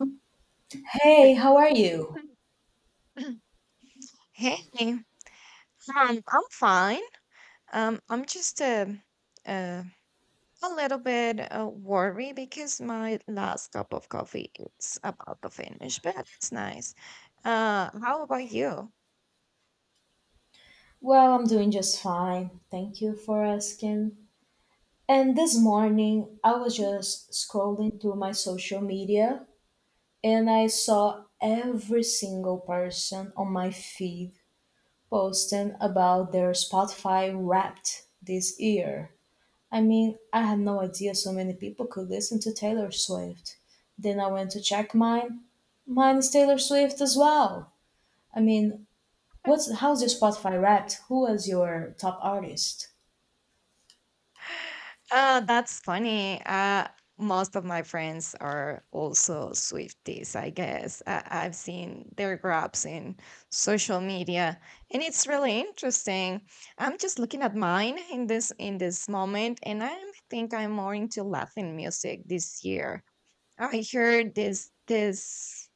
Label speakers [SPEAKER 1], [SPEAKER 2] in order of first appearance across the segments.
[SPEAKER 1] Hey, how are you?
[SPEAKER 2] Hey, um, I'm fine. I'm just uh, a little bit worried because my last cup of coffee is about to finish, but it's nice. How about you?
[SPEAKER 1] Well, I'm doing just fine. Thank you for asking. And this morning, I was just scrolling through my social media and I saw every single person on my feed posting about their Spotify wrapped this year. I mean, I had no idea so many people could listen to Taylor Swift. Then I went to check mine. Mine is Taylor Swift as well. I mean, What's how's your Spotify Wrapped? Who was your top artist?
[SPEAKER 2] Oh, that's funny. Most of my friends are also Swifties, I guess. I've seen their grabs in social media, and it's really interesting. I'm just looking at mine in this moment, and I think I'm more into Latin music this year. I heard this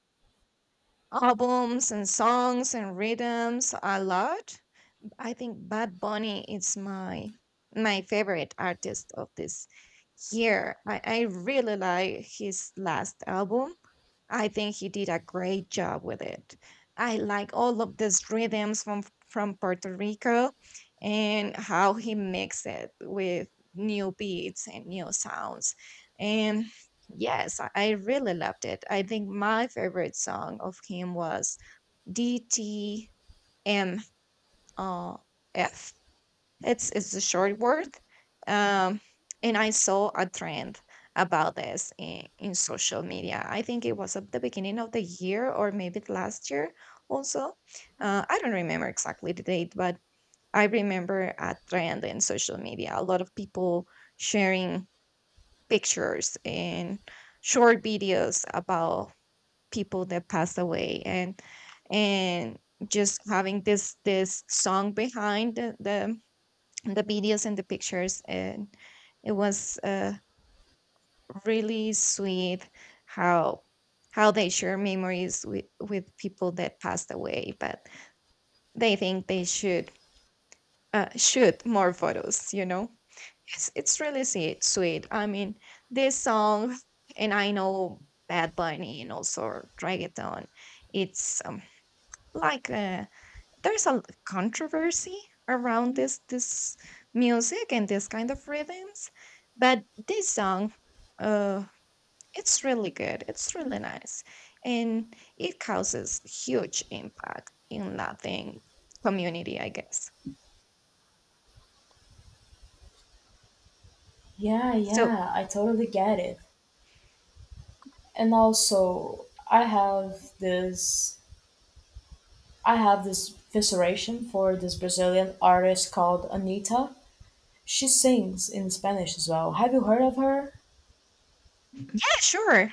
[SPEAKER 2] albums and songs and rhythms a lot. I think Bad Bunny is my favorite artist of this year. I really like his last album. I think he did a great job with it. I like all of these rhythms from Puerto Rico and how he mixed it with new beats and new sounds. And yes, I really loved it. I think my favorite song of him was DTMR. It's the short word. Um, and I saw a trend about this in social media. I think it was at the beginning of the year or maybe last year also. I don't remember exactly the date, but I remember a trend in social media. A lot of people sharing pictures and short videos about people that passed away and just having this song behind the videos and the pictures, and it was really sweet how how they share memories with people that passed away, but they think they should shoot more photos. It's really sweet sweet. This song, and I know Bad Bunny and also reggaeton, it's like a, there's a controversy around this music and this kind of rhythms. But this song, uh it's really good, it's really nice, and it causes huge impact in Latin community, I guess.
[SPEAKER 1] Yeah,
[SPEAKER 2] So
[SPEAKER 1] yeah, I totally get it. And also, I have this fascination for this Brazilian artist called Anita. She sings in Spanish as well. Have you heard of her?
[SPEAKER 2] yeah, sure.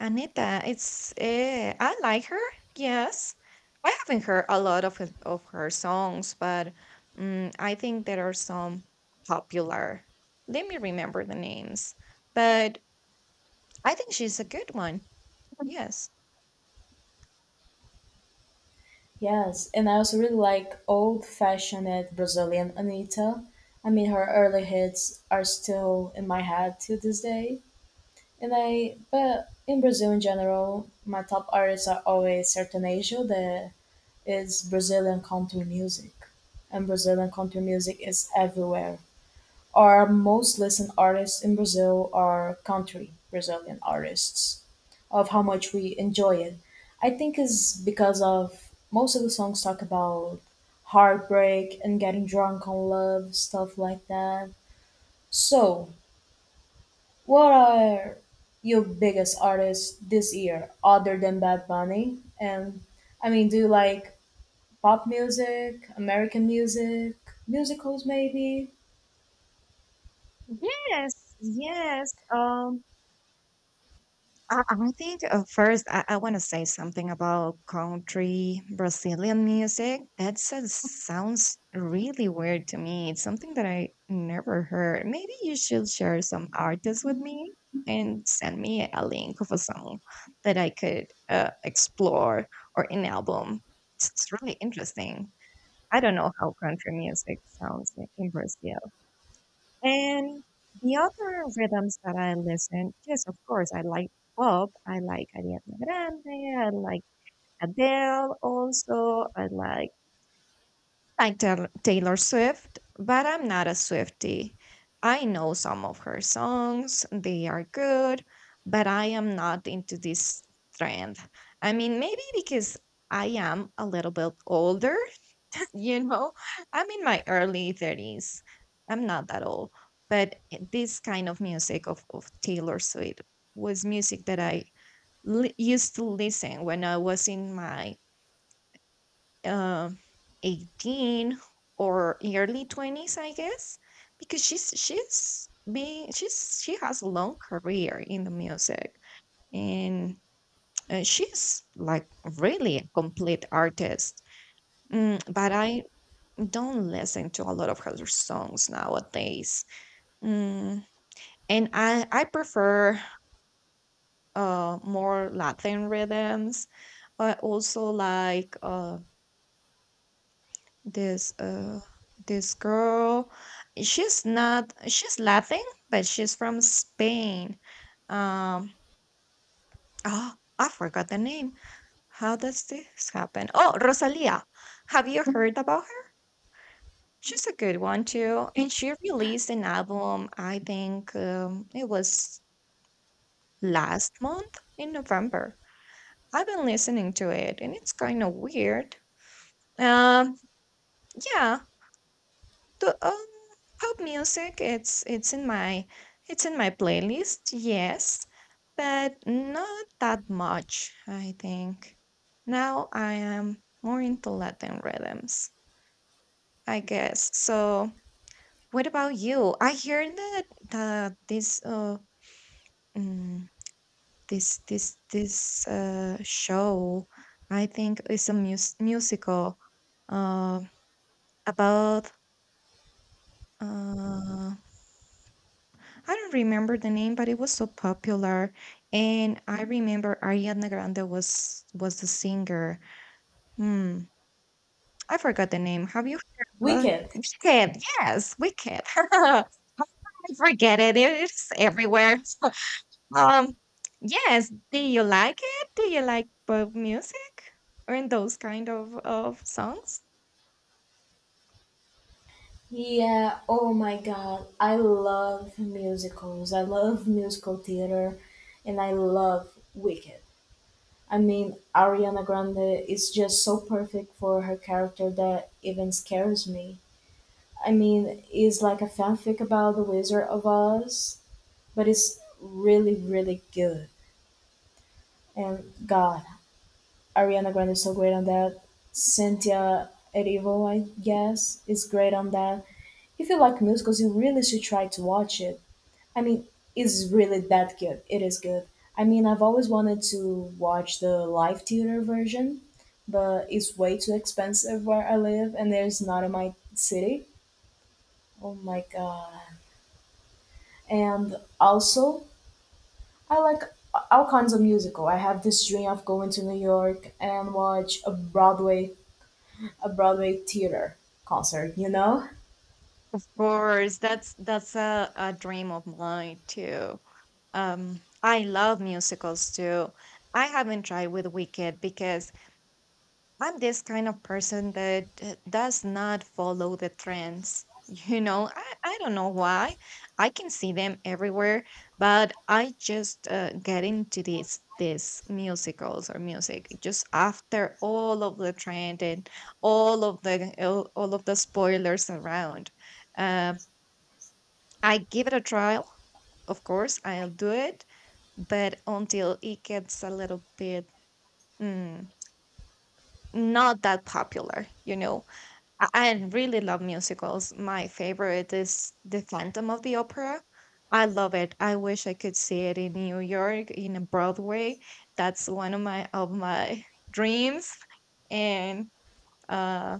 [SPEAKER 2] Anita, it's I like her. Yes, I haven't heard a lot of of her songs, but mm, I think there are some popular. Let me remember the names, but I think she's a good one. Yes.
[SPEAKER 1] Yes, and I also really like old-fashioned Brazilian Anita. I mean, her early hits are still in my head to this day. But in Brazil in general, my top artists are always sertanejo, that is Brazilian country music. And Brazilian country music is everywhere. Our most listened artists in Brazil are country Brazilian artists, of how much we enjoy it. I think is because of most of the songs talk about heartbreak and getting drunk on love, stuff like that. So, what are your biggest artists this year, other than Bad Bunny? And I mean, do you like pop music, American music, musicals maybe?
[SPEAKER 2] Yes, yes. I think first, I want to say something about country Brazilian music. That sounds really weird to me. It's something that I never heard. Maybe you should share some artists with me and send me a link of a song that I could explore, or an album. It's really interesting. I don't know how country music sounds in Brazil. And the other rhythms that I listen, yes, of course, I like pop. I like Ariana Grande. I like Adele also. I like Taylor Swift, but I'm not a Swiftie. I know some of her songs. They are good, but I am not into this trend. I mean, maybe because I am a little bit older, you know. I'm in my early 30s. I'm not that old, but this kind of music of Taylor Swift was music that I used to listen when I was in my uh, 18 or early 20s, I guess. Because she's being she's she has a long career in the music, and she's like really a complete artist. Mm, but I don't listen to a lot of her songs nowadays. Mm, and I prefer more Latin rhythms. I also like this uh this girl. She's not she's Latin, but she's from Spain. Um oh, I forgot the name. How does this happen? Oh, Rosalia. Have you heard about her? She's a good one too. And she released an album, I think it was last month in November. I've been listening to it and it's kind of weird. Um, yeah, the pop music, it's in my it's in my playlist, yes, but not that much, I think. Now I am more into Latin rhythms, I guess. So what about you? I hear that the this mm, this show, I think, is a musical uh about uh I don't remember the name, but it was so popular, and I remember Ariana Grande was the singer. Hmm, I forgot the name. Have you heard about
[SPEAKER 1] Wicked.
[SPEAKER 2] Wicked? Yes, Wicked. I forget it. It's everywhere. Um, yes. Do you like it? Do you like pop music or in those kind of songs?
[SPEAKER 1] Yeah, oh my god. I love musicals. I love musical theater and I love Wicked. I mean, Ariana Grande is just so perfect for her character that even scares me. I mean, it's like a fanfic about the Wizard of Oz but it's really, really good. And God, Ariana Grande is so great on that. Cynthia Erivo, I guess, is great on that. If you like musicals, you really should try to watch it. I mean, it's really that good. It is good. I mean, I've always wanted to watch the live theater version, but it's way too expensive where I live, and there's not in my city. Oh my god. And also, I like all kinds of musical. I have this dream of going to New York and watch a Broadway theater concert, you know?
[SPEAKER 2] Of course, that's a dream of mine too. I love musicals too. I haven't tried with Wicked because I'm this kind of person that does not follow the trends. You know, I don't know why. I can see them everywhere, but I just get into these musicals or music just after all of the trend and all of the spoilers around. Uh, I give it a trial, of course. I'll do it, but until it gets a little bit mm, not that popular, you know. I really love musicals. My favorite is The Phantom of the Opera. I love it. I wish I could see it in New York in a Broadway. That's one of my dreams, and uh,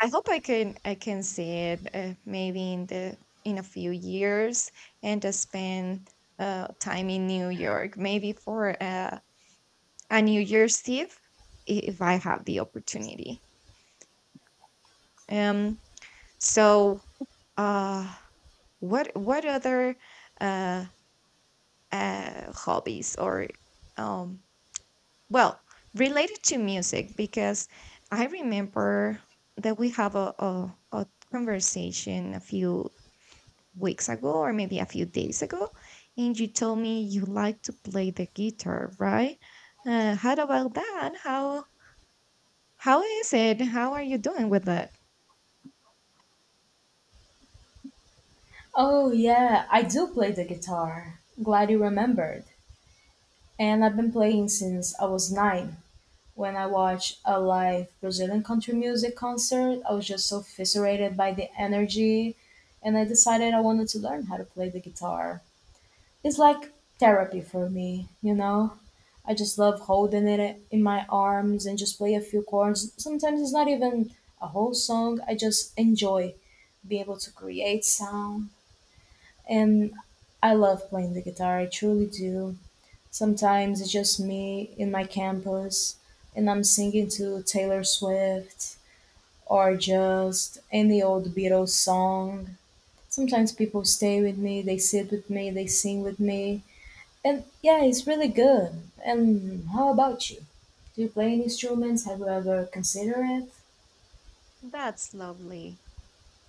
[SPEAKER 2] I hope I can see it maybe in a few years, and to spend time in New York, maybe for a New Year's Eve, if I have the opportunity. Um. So. Uh, what other uh, hobbies or um, well related to music? Because I remember that we have a, a conversation a few weeks ago or maybe a few days ago, and you told me you like to play the guitar, right? How about that? How is it? How are you doing with that?
[SPEAKER 1] Oh yeah, I do play the guitar. Glad you remembered. And I've been playing since I was 9. When I watched a live Brazilian country music concert, I was just so fascinated by the energy and I decided I wanted to learn how to play the guitar. It's like therapy for me, you know? I just love holding it in my arms and just play a few chords. Sometimes it's not even a whole song. I just enjoy being able to create sound and I love playing the guitar. I truly do. Sometimes it's just me in my campus and I'm singing to Taylor Swift or just any old Beatles song. Sometimes people stay with me, they sit with me, they sing with me. And yeah, it's really good. And how about you? Do you play any instruments? Have you ever considered it?
[SPEAKER 2] That's lovely.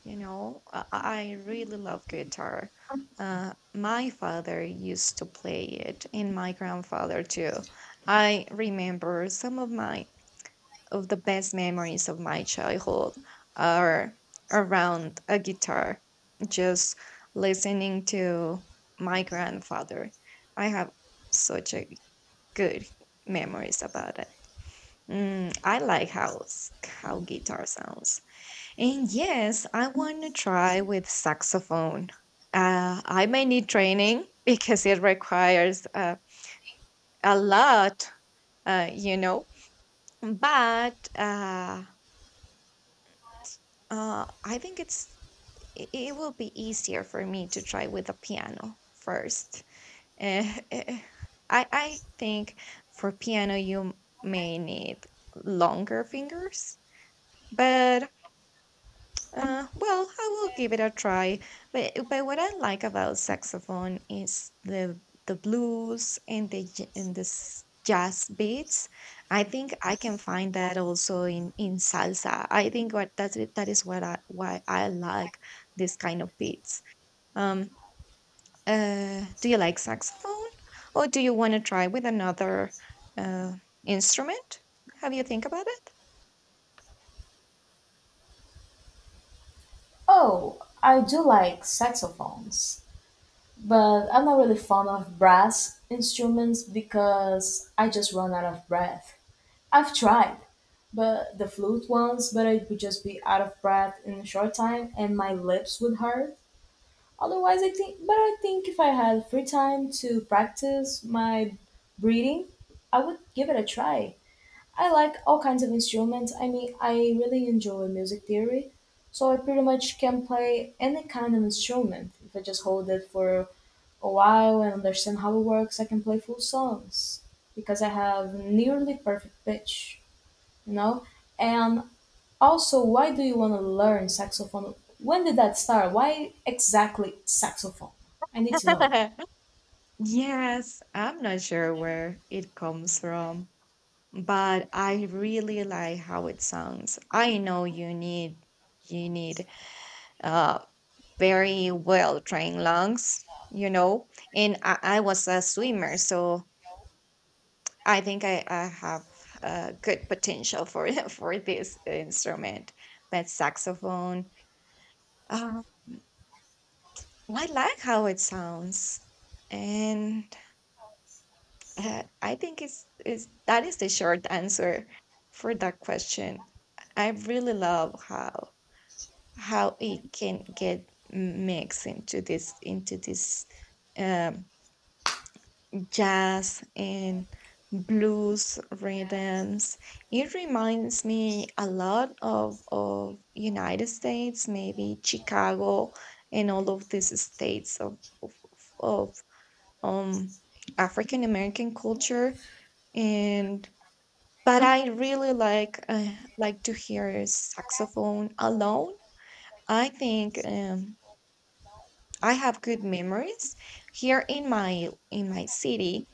[SPEAKER 2] You know, I really love guitar. My father used to play it, and my grandfather too. I remember some of my of the best memories of my childhood are around a guitar, just listening to my grandfather. I have such a good memories about it. Mm, I like how how guitar sounds, and yes, I want to try with saxophone. I may need training because it requires a lot, you know. But I think it will be easier for me to try with the piano first. Eh, eh, I think for piano you may need longer fingers, but well, I will give it a try. But what I like about saxophone is the blues and the and the jazz beats. I think I can find that also in salsa. I think that is what I why I like this kind of beats. Um, do you like saxophone, or do you want to try with another uh, instrument? Have you think about it?
[SPEAKER 1] Oh, I do like saxophones, but I'm not really fond of brass instruments because I just run out of breath. I've tried, but the flute ones, but I would just be out of breath in a short time and my lips would hurt. Otherwise, I think, but I think if I had free time to practice my breathing, I would give it a try. I like all kinds of instruments. I mean, I really enjoy music theory, so I pretty much can play any kind of instrument. If I just hold it for a while and understand how it works, I can play full songs because I have nearly perfect pitch, you know? And also, why do you want to learn saxophone? When did that start? Why exactly saxophone? I need to know.
[SPEAKER 2] Yes, I'm not sure where it comes from, but I really like how it sounds. I know you need uh very well trained lungs, you know, and I was a swimmer, so I think I have good potential for for this instrument. But saxophone, uh, I like how it sounds, and I think it's is that is the short answer for that question. I really love how it can get mixed into this um, jazz and blues rhythms. It reminds me a lot of United States, maybe Chicago, and all of these states of um African American culture, and but I really like to hear saxophone alone. I think I have good memories here in my city.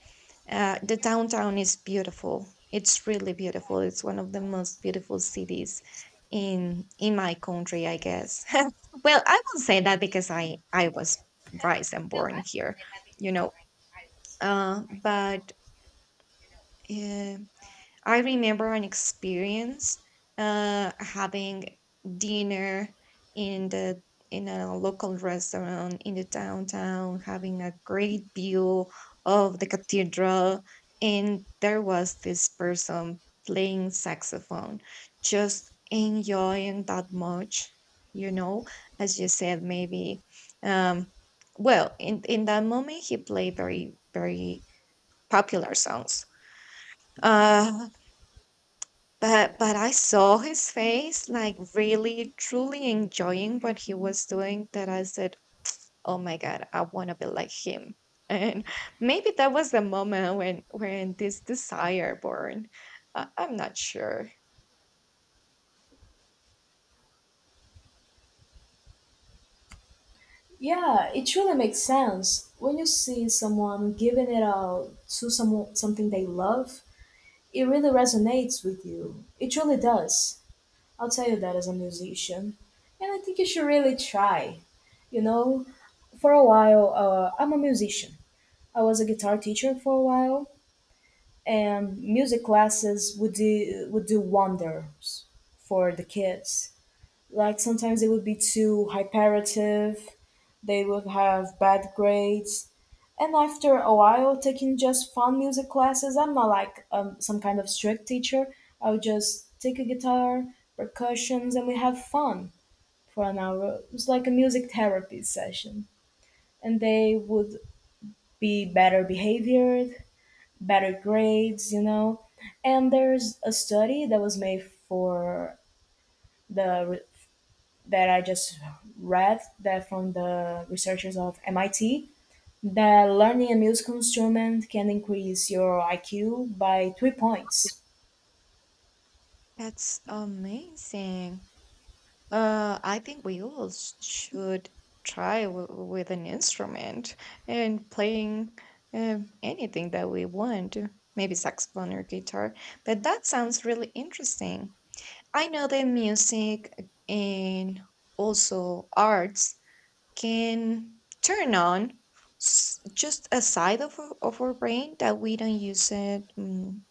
[SPEAKER 2] The downtown is beautiful. It's really beautiful. It's one of the most beautiful cities in my country, I guess. Well, I won't say that because I was raised and born here, you know. But uh, I remember an experience having dinner in the in a local restaurant in the downtown, having a great view of the cathedral, and there was this person playing saxophone, just enjoying that much, you know, as you said, maybe. Um, well, in that moment, he played very popular songs. Uh, but I saw his face, like, really truly enjoying what he was doing, that I said, "Oh my god, I wanna be like him." And maybe that was the moment when this desire born. I'm not sure.
[SPEAKER 1] Yeah, it truly makes sense. When you see someone giving it out to someone something they love, it really resonates with you. It truly does. I'll tell you that as a musician. And I think you should really try. You know, for a while, I'm a musician. I was a guitar teacher for a while, and music classes would do wonders for the kids. Like sometimes they would be too hyperative, they would have bad grades and after a while, taking just fun music classes, I'm not like some kind of strict teacher. I'll just take a guitar, percussions, and we have fun for an hour. It's like a music therapy session. And they would be better behaved, better grades, you know. And there's a study that was made for the that I just read that from the researchers of MIT that learning a musical instrument can increase your IQ by 3 points.
[SPEAKER 2] That's amazing. I think we all s should try w with an instrument and playing, anything that we want, maybe saxophone or guitar, but that sounds really interesting. I know that music and also arts can turn on just a side of our brain that we don't use it,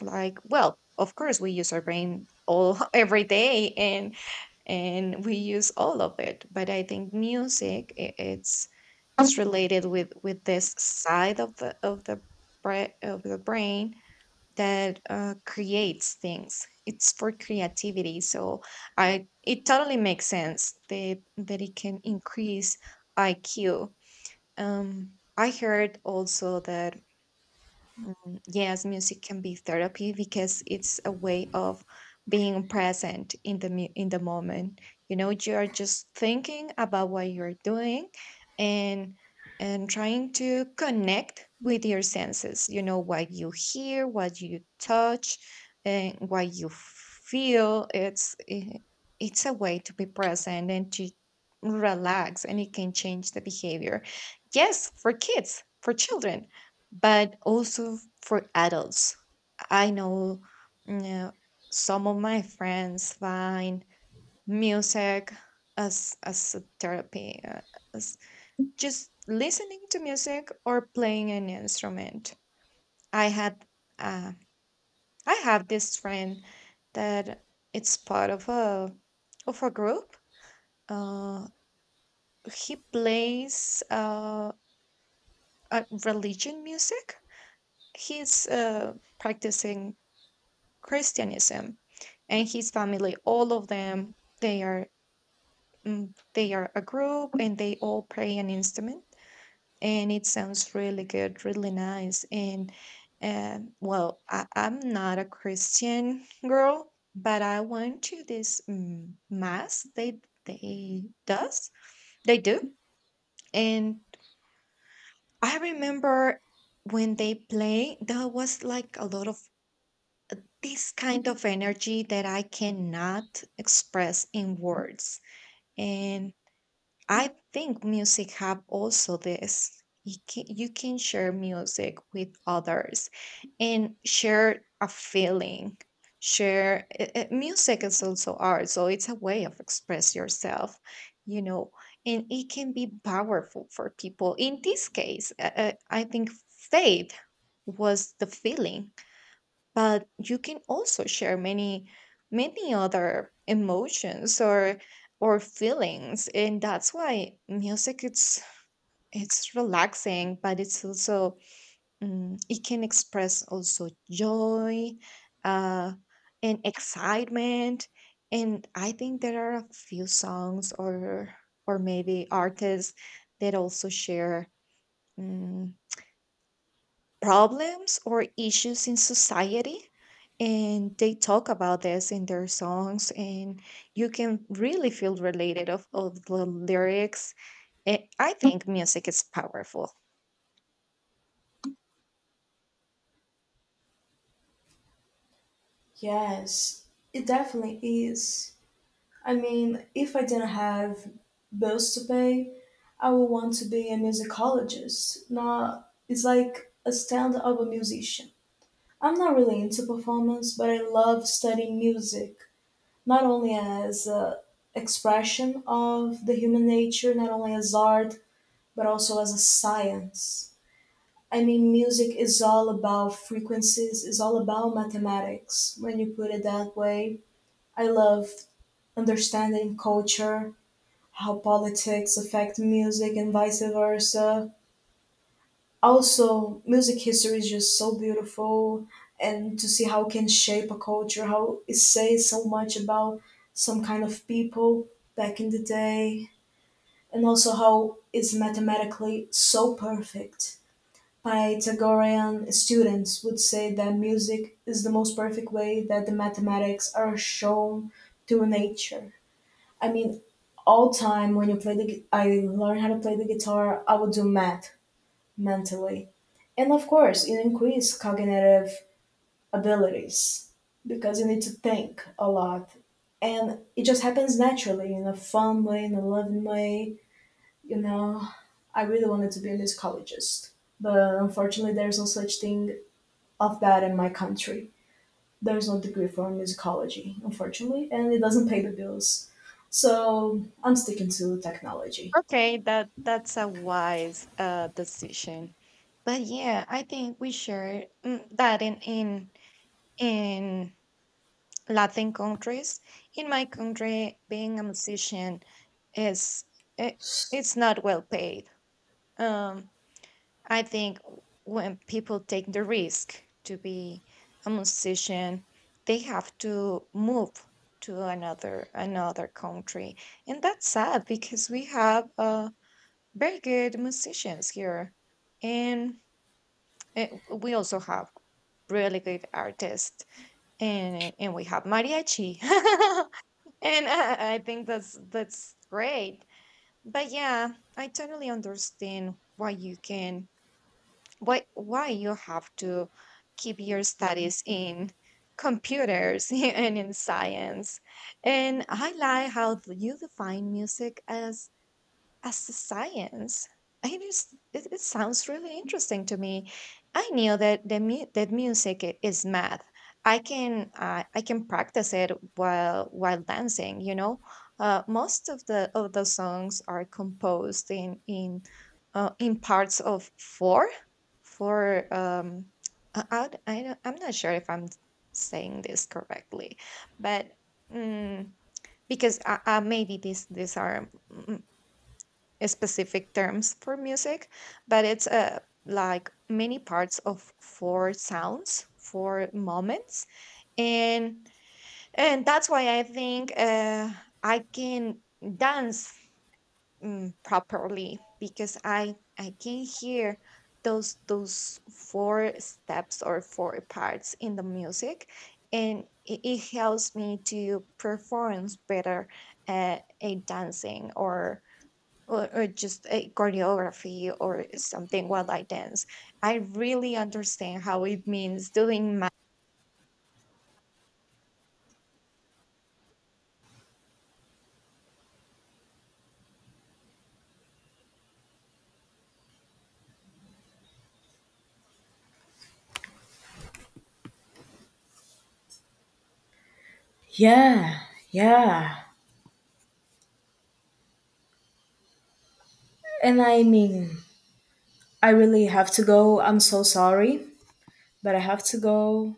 [SPEAKER 2] like, well, of course we use our brain all every day and we use all of it. But I think music I- it's related with this side of the brain that creates things. It's for creativity, so I it totally makes sense that it can increase IQ. I heard also that yes, music can be therapy because it's a way of being present in in the moment. You know, you are just thinking about what you're doing and trying to connect with your senses. You know, what you hear, what you touch, and what you feel. It's a way to be present and to relax, and it can change the behavior. Yes, for kids, for children, but also for adults. I know, you know, some of my friends find music as a therapy, as just listening to music or playing an instrument. I had uh, I have this friend that it's part of a group. Uh, he plays religion music. He's practicing Christianism, and his family. All of them, they are, they are a group, and they all play an instrument. And it sounds really good, really nice. And well, I'm not a Christian girl, but I went to this mass they does they do, and I remember when they play, there was like a lot of this kind of energy that I cannot express in words. And I think music have also this. You can share music with others and share a feeling. Share music is also art, so it's a way of express yourself, you know, and it can be powerful for people. In this case, I think faith was the feeling, but you can also share many other emotions or feelings. And that's why music it's relaxing, but it's also, it can express also joy uh and excitement. And I think there are a few songs or maybe artists that also share, mm, problems or issues in society, and they talk about this in their songs. And you can really feel related of the lyrics. I think music is powerful.
[SPEAKER 1] Yes, it definitely is. I mean, if I didn't have bills to pay, I would want to be a musicologist. Not, it's like a stand-up musician. I'm not really into performance, but I love studying music, not only as a expression of the human nature, not only as art, but also as a science. I mean, music is all about frequencies, is all about mathematics when you put it that way. I love understanding culture, how politics affect music and vice versa. Also, music history is just so beautiful and to see how it can shape a culture, how it says so much about some kind of people back in the day, and also how it's mathematically so perfect Pythagorean students would say that music is the most perfect way that the mathematics are shown to nature. I mean, all time when you play I learn how to play the guitar, I would do math mentally, and of course, it increases cognitive abilities because you need to think a lot, and it just happens naturally in a fun way, in a loving way. You know, I really wanted to be a musicologist but unfortunately there's no such thing of that in my country. There's no degree for musicology, unfortunately, and it doesn't pay the bills. So I'm sticking to technology.
[SPEAKER 2] Okay, that's a wise decision. But yeah, I think we share, that in Latin countries, in my country, being a musician is, it, it's not well paid. um I think when people take the risk to be a musician, they have to move to another country, and that's sad because we have, very good musicians here, and uh, we also have really good artists, and we have mariachi, and, I think that's great. But yeah, I totally understand why you can, why you have to keep your studies in computers and in science. And I like how you define music as a science. I just, it sounds really interesting to me. I knew that that is math. I can practice it while dancing. You know, most of the songs are composed in parts of four. I I'm not sure if I'm saying this correctly, but, mm, because maybe these are, specific terms for music, but it's like many parts of four sounds, four moments, and that's why I think I can dance, properly because I can hear those four steps or four parts in the music. And it helps me to perform better at a dancing, or or just a choreography or something while I dance. I really understand how it means doing
[SPEAKER 1] Yeah, yeah. And I mean, I really have to go. I'm so sorry, but I have to go.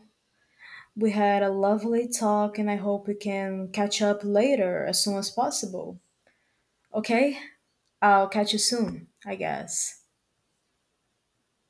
[SPEAKER 1] We had a lovely talk, and I hope we can catch up later as soon as possible. Okay? I'll catch you soon, I guess.